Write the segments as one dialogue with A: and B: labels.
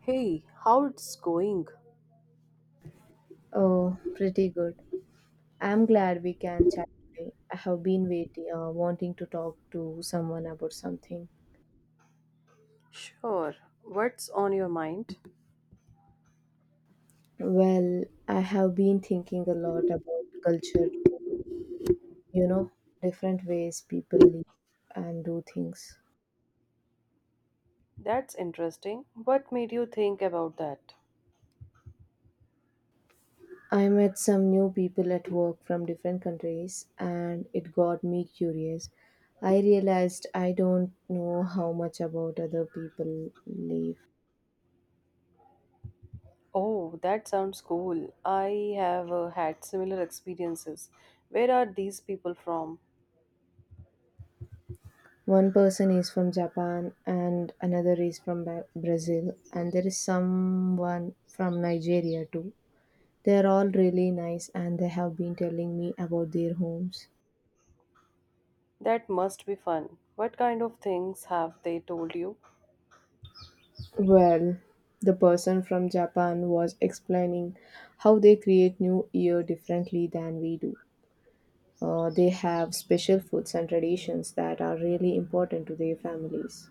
A: Hey, how it's going?
B: Oh, pretty good. I'm glad we can chat today. I have been waiting, wanting to talk to someone about something.
A: Sure. What's on your mind?
B: Well, I have been thinking a lot about culture, you know, different ways people live and do things.
A: That's interesting. What made you think about that?
B: I met some new people at work from different countries, and it got me curious. I realized I don't know how much about other people live.
A: Oh, that sounds cool. I have had similar experiences. Where are these people from?
B: One person is from Japan and another is from Brazil, and there is someone from Nigeria too. They are all really nice and they have been telling me about their homes.
A: That must be fun. What kind of things have they told you?
B: Well, the person from Japan was explaining how they create New Year differently than we do. They have special foods and traditions that are really important to their families.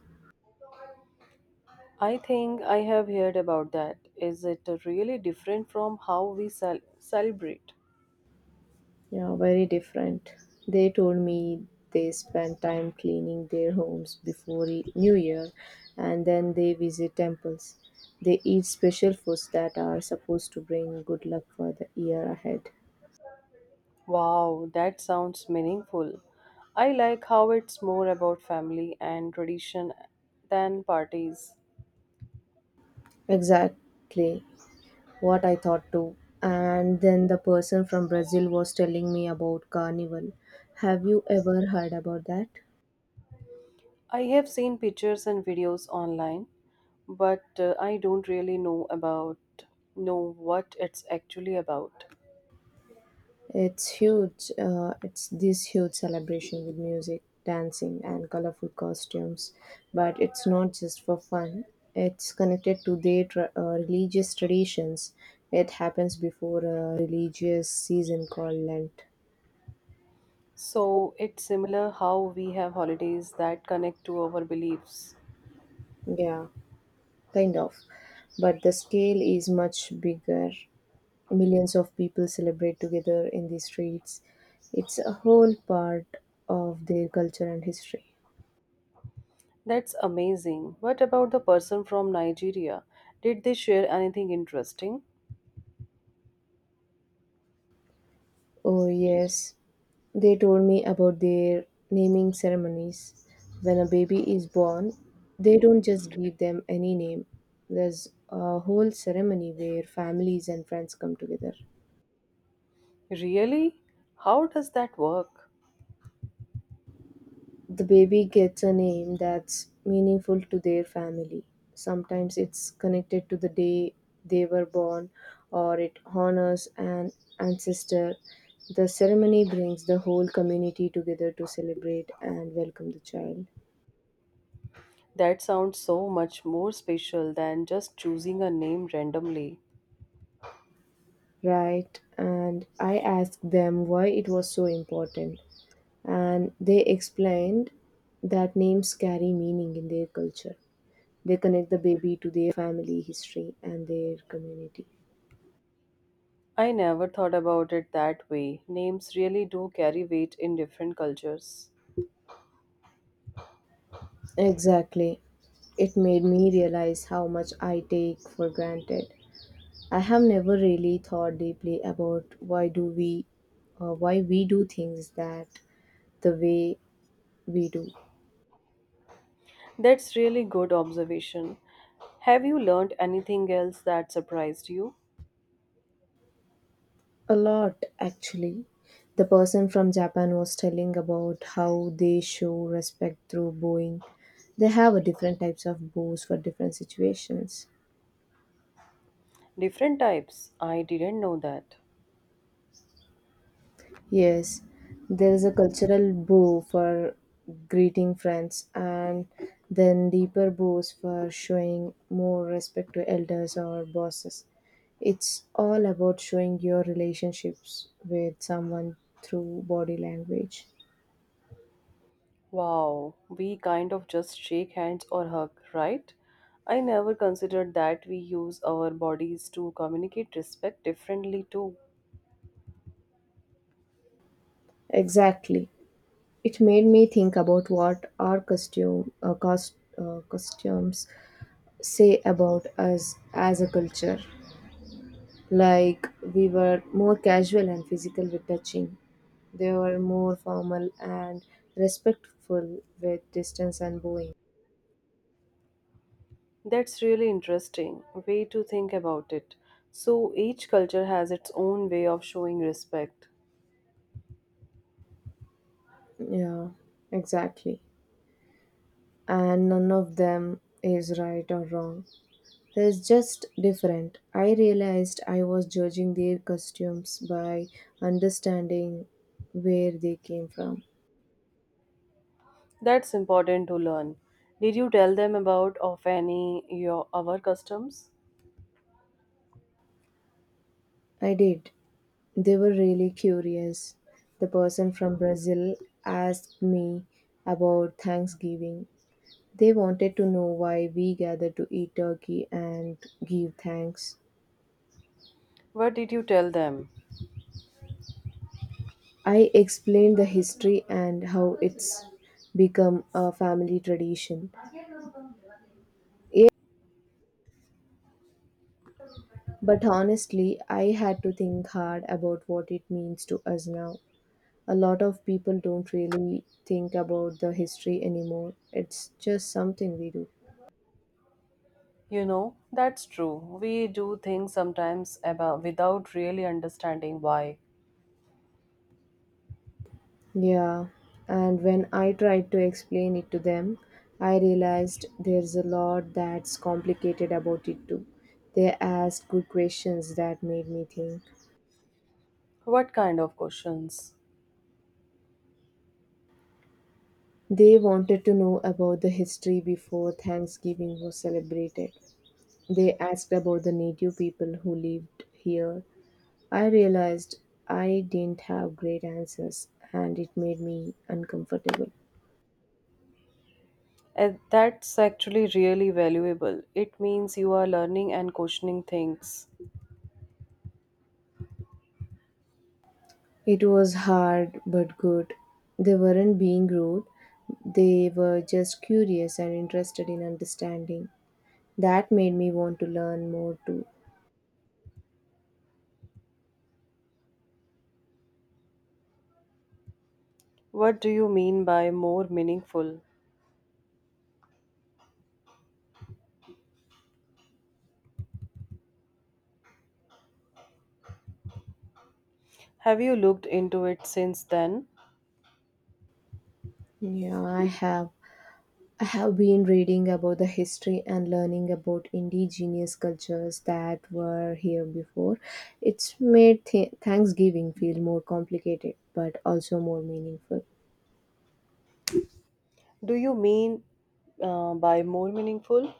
A: I think I have heard about that. Is it really different from how we celebrate?
B: Yeah, very different. They told me they spend time cleaning their homes before New Year and then they visit temples. They eat special foods that are supposed to bring good luck for the year ahead.
A: Wow, that sounds meaningful. I like how it's more about family and tradition than parties.
B: Exactly what I thought too. And then the person from Brazil was telling me about carnival. Have you ever heard about that?
A: I have seen pictures and videos online, but I don't really know what it's actually about.
B: It's huge. It's this huge celebration with music, dancing, and colorful costumes. But it's not just for fun. It's connected to their religious traditions. It happens before a religious season called Lent.
A: So, it's similar how we have holidays that connect to our beliefs.
B: Yeah, kind of. But the scale is much bigger. Millions of people celebrate together in the streets. It's a whole part of their culture and history.
A: That's amazing. What about the person from Nigeria? Did they share anything interesting?
B: Oh, yes. They told me about their naming ceremonies. When a baby is born, they don't just give them any name. There's a whole ceremony where families and friends come together.
A: Really? How does that work?
B: The baby gets a name that's meaningful to their family. Sometimes it's connected to the day they were born or it honors an ancestor. The ceremony brings the whole community together to celebrate and welcome the child.
A: That sounds so much more special than just choosing a name randomly.
B: Right, and I asked them why it was so important, and they explained that names carry meaning in their culture. They connect the baby to their family history and their community.
A: I never thought about it that way. Names really do carry weight in different cultures.
B: Exactly. It made me realize how much I take for granted. I have never really thought deeply about why we do things that the way we do.
A: That's really good observation. Have you learned anything else that surprised you?
B: A lot, actually. The person from Japan was telling about how they show respect through bowing. They have a different types of bows for different situations.
A: Different types. I didn't know that.
B: Yes, there is a cultural bow for greeting friends, and then deeper bows for showing more respect to elders or bosses. It's all about showing your relationships with someone through body language.
A: Wow, we kind of just shake hands or hug, right? I never considered that we use our bodies to communicate respect differently too.
B: Exactly. It made me think about what our costumes say about us as a culture. Like we were more casual and physical with touching. They were more formal and respectful with distance and bowing.
A: That's really interesting way to think about it. So each culture has its own way of showing respect.
B: Yeah, exactly. And none of them is right or wrong. There's just different. I realized I was judging their costumes by understanding where they came from.
A: That's important to learn. Did you tell them about of any your our customs?
B: I did. They were really curious. The person from Brazil asked me about Thanksgiving. They wanted to know why we gather to eat turkey and give thanks.
A: What did you tell them?
B: I explained the history and how it's become a family tradition. Yeah, but honestly, I had to think hard about what it means to us now. A lot of people don't really think about the history anymore. It's just something we do.
A: You know, that's true. We do things sometimes about without really understanding why.
B: Yeah, and when I tried to explain it to them, I realized there's a lot that's complicated about it too. They asked good questions that made me think.
A: What kind of questions?
B: They wanted to know about the history before Thanksgiving was celebrated. They asked about the native people who lived here. I realized I didn't have great answers, and it made me uncomfortable.
A: And that's actually really valuable. It means you are learning and questioning things.
B: It was hard but good. They weren't being rude. They were just curious and interested in understanding. That made me want to learn more too.
A: What do you mean by more meaningful? Have you looked into it since then?
B: Yeah, I have. I have been reading about the history and learning about indigenous cultures that were here before. It's made Thanksgiving feel more complicated but also more meaningful.
A: Do you mean by more meaningful?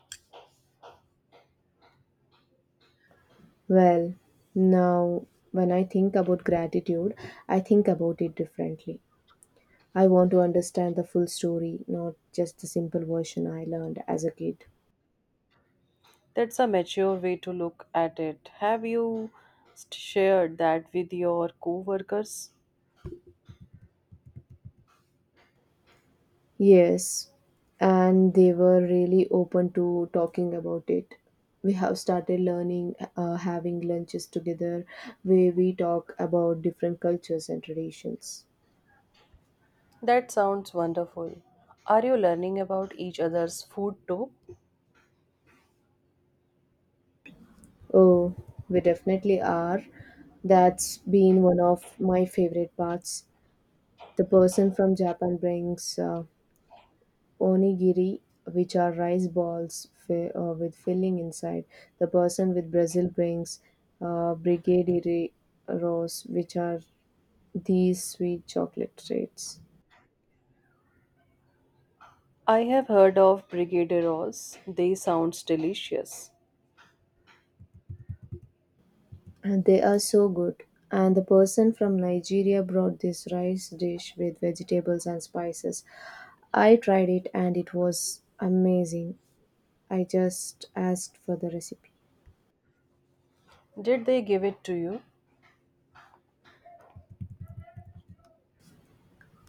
B: Well, now when I think about gratitude, I think about it differently. I want to understand the full story, not just the simple version I learned as a kid.
A: That's a mature way to look at it. Have you shared that with your coworkers?
B: Yes, and they were really open to talking about it. We have started having lunches together where we talk about different cultures and traditions.
A: That sounds wonderful. Are you learning about each other's food too?
B: Oh, we definitely are. That's been one of my favorite parts. The person from Japan brings onigiri, which are rice balls with filling inside. The person with Brazil brings brigadeiro which are these sweet chocolate treats.
A: I have heard of brigadeiros. They sounds delicious.
B: And they are so good. And the person from Nigeria brought this rice dish with vegetables and spices. I tried it and it was amazing. I just asked for the recipe.
A: Did they give it to you?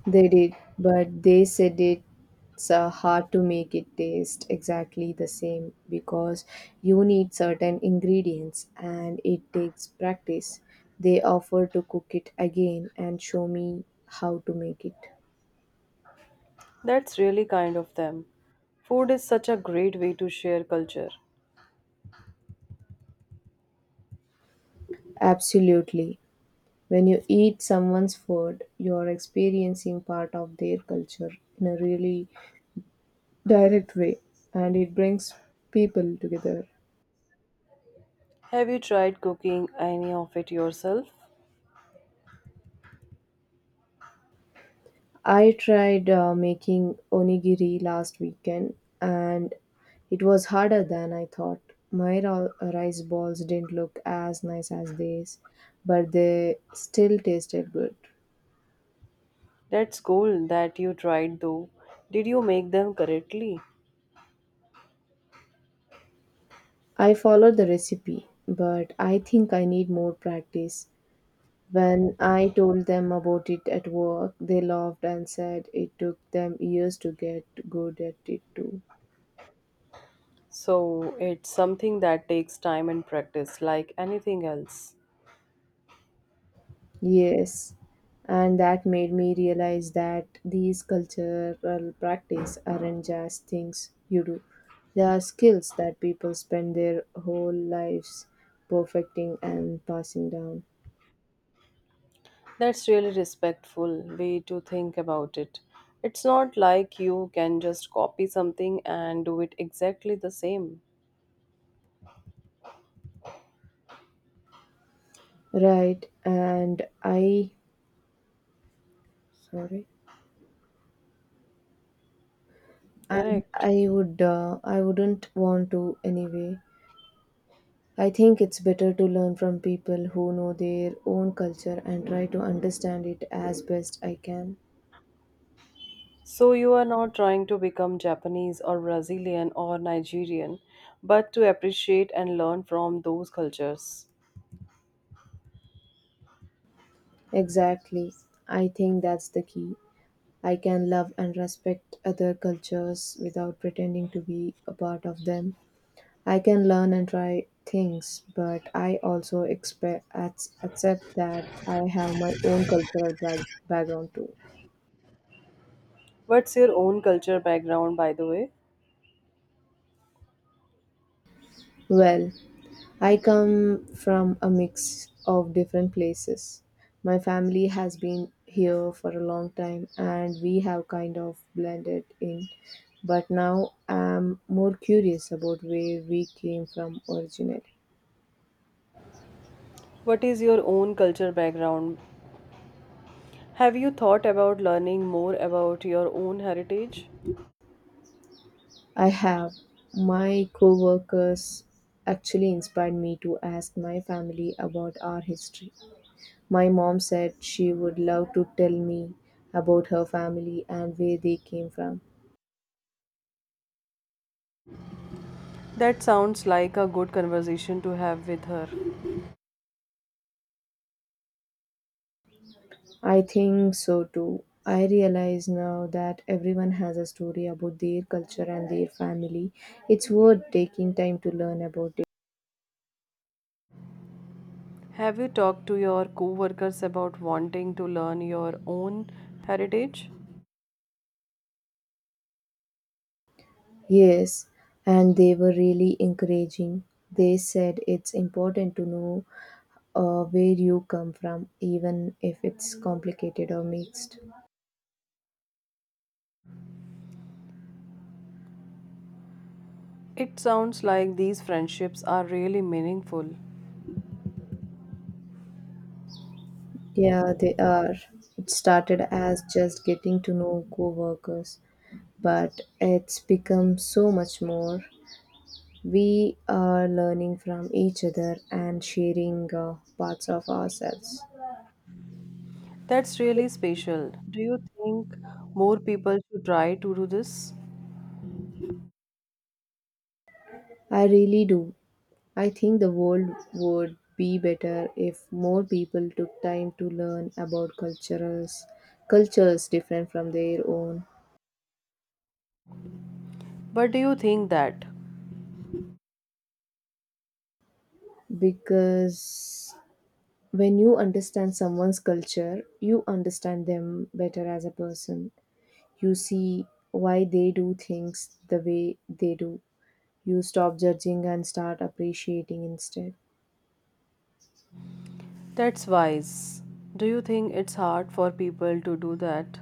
B: They did, but they said it's hard to make it taste exactly the same because you need certain ingredients and it takes practice. They offered to cook it again and show me how to make it.
A: That's really kind of them. Food is such a great way to share culture.
B: Absolutely. When you eat someone's food, you're experiencing part of their culture in a really direct way, and it brings people together.
A: Have you tried cooking any of it yourself?
B: I tried making onigiri last weekend, and it was harder than I thought. My rice balls didn't look as nice as these, but they still tasted good.
A: That's cool that you tried though. Did you make them correctly?
B: I followed the recipe, but I think I need more practice. When I told them about it at work, they laughed and said it took them years to get good at it too.
A: So it's something that takes time and practice, like anything else.
B: Yes, and that made me realize that these cultural practice aren't just things you do. They are skills that people spend their whole lives perfecting and passing down.
A: That's really respectful way to think about it. It's not like you can just copy something and do it exactly the same.
B: Right, and I Sorry. And
A: Correct.
B: I would I wouldn't want to anyway. I think it's better to learn from people who know their own culture and try to understand it as best I can.
A: So you are not trying to become Japanese or Brazilian or Nigerian, but to appreciate and learn from those cultures.
B: Exactly. I think that's the key. I can love and respect other cultures without pretending to be a part of them. I can learn and try things, but I also expect accept that I have my own cultural background too.
A: What's your own culture background, by the way?
B: Well, I come from a mix of different places. My family has been here for a long time and we have kind of blended in. But now I'm more curious about where we came from originally.
A: What is your own culture background? Have you thought about learning more about your own heritage?
B: I have. My co-workers actually inspired me to ask my family about our history. My mom said she would love to tell me about her family and where they came from.
A: That sounds like a good conversation to have with her.
B: I think so too. I realize now that everyone has a story about their culture and their family. It's worth taking time to learn about it.
A: Have you talked to your coworkers about wanting to learn your own heritage?
B: Yes, and they were really encouraging. They said it's important to know where you come from, even if it's complicated or mixed.
A: It sounds like these friendships are really meaningful.
B: Yeah, they are. It started as just getting to know co workers, but it's become so much more. We are learning from each other and sharing parts of ourselves.
A: That's really special. Do you think more people should try to do this?
B: I really do. I think the world would be better if more people took time to learn about cultures different from their own.
A: But do you think that?
B: Because when you understand someone's culture, you understand them better as a person. You see why they do things the way they do. You stop judging and start appreciating instead.
A: That's wise. Do you think it's hard for people to do that?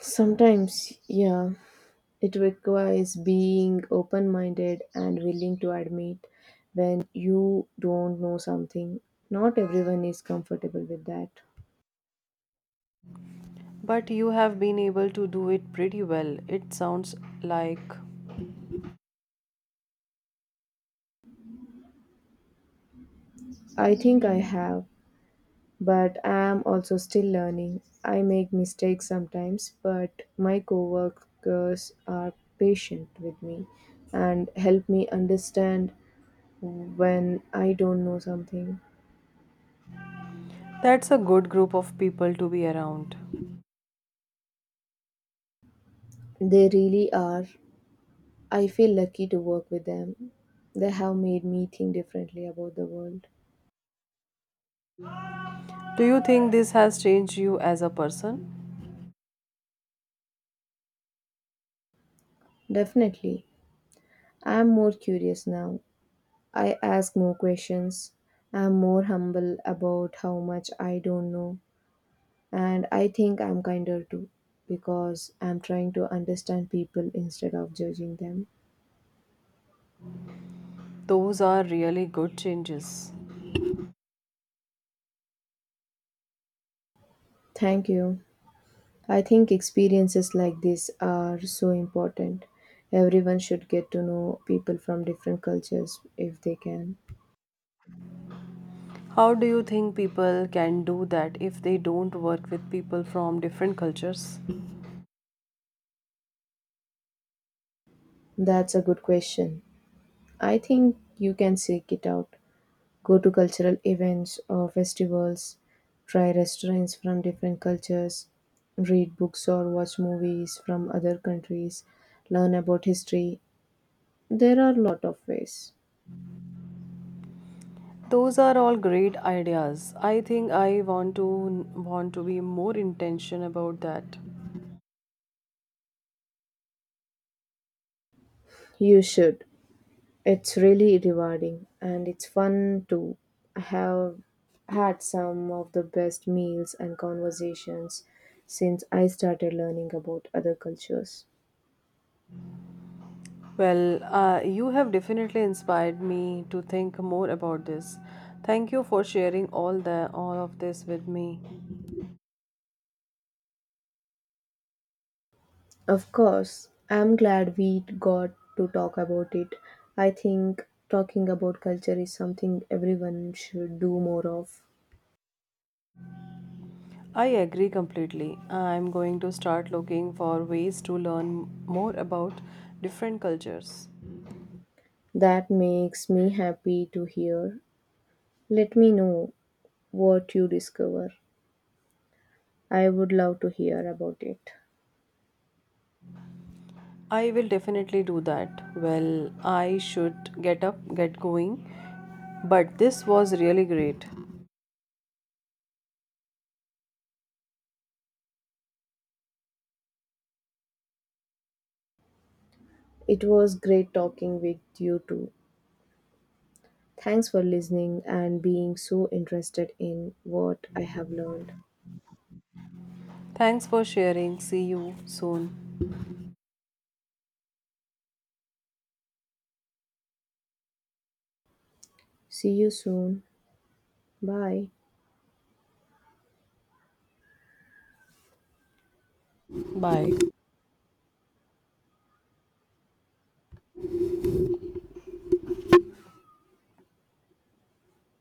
B: Sometimes, yeah, it requires being open minded and willing to admit when you don't know something. Not everyone is comfortable with that.
A: But you have been able to do it pretty well. It sounds like
B: I think I have, but I am also still learning. I make mistakes sometimes, but my coworkers are patient with me and help me understand when I don't know something.
A: that's a good group of people to be around.
B: They really are. I feel lucky to work with them. They have made me think differently about the world.
A: Do you think this has changed you as a person?
B: Definitely. I am more curious now. I ask more questions. I am more humble about how much I don't know. And I think I'm kinder too because I'm trying to understand people instead of judging them.
A: Those are really good changes.
B: Thank you. I think experiences like this are so important. Everyone should get to know people from different cultures if they can.
A: How do you think people can do that if they don't work with people from different cultures?
B: That's a good question. I think you can seek it out. Go to cultural events or festivals, try restaurants from different cultures, read books or watch movies from other countries, learn about history. There are a lot of ways.
A: Those are all great ideas. I think I want to be more intentional about that.
B: You should. It's really rewarding and it's fun to have had some of the best meals and conversations since I started learning about other cultures.
A: Well, you have definitely inspired me to think more about this. Thank you for sharing all of this with me.
B: Of course, I'm glad we got to talk about it. I think talking about culture is something everyone should do more of.
A: I agree completely. I'm going to start looking for ways to learn more about different cultures.
B: That makes me happy to hear. Let me know what you discover. I would love to hear about it.
A: I will definitely do that. Well, I should get going. But this was really great.
B: It was great talking with you too. Thanks for listening and being so interested in what I have learned.
A: Thanks for sharing. See you soon.
B: See you soon. Bye.
A: Bye.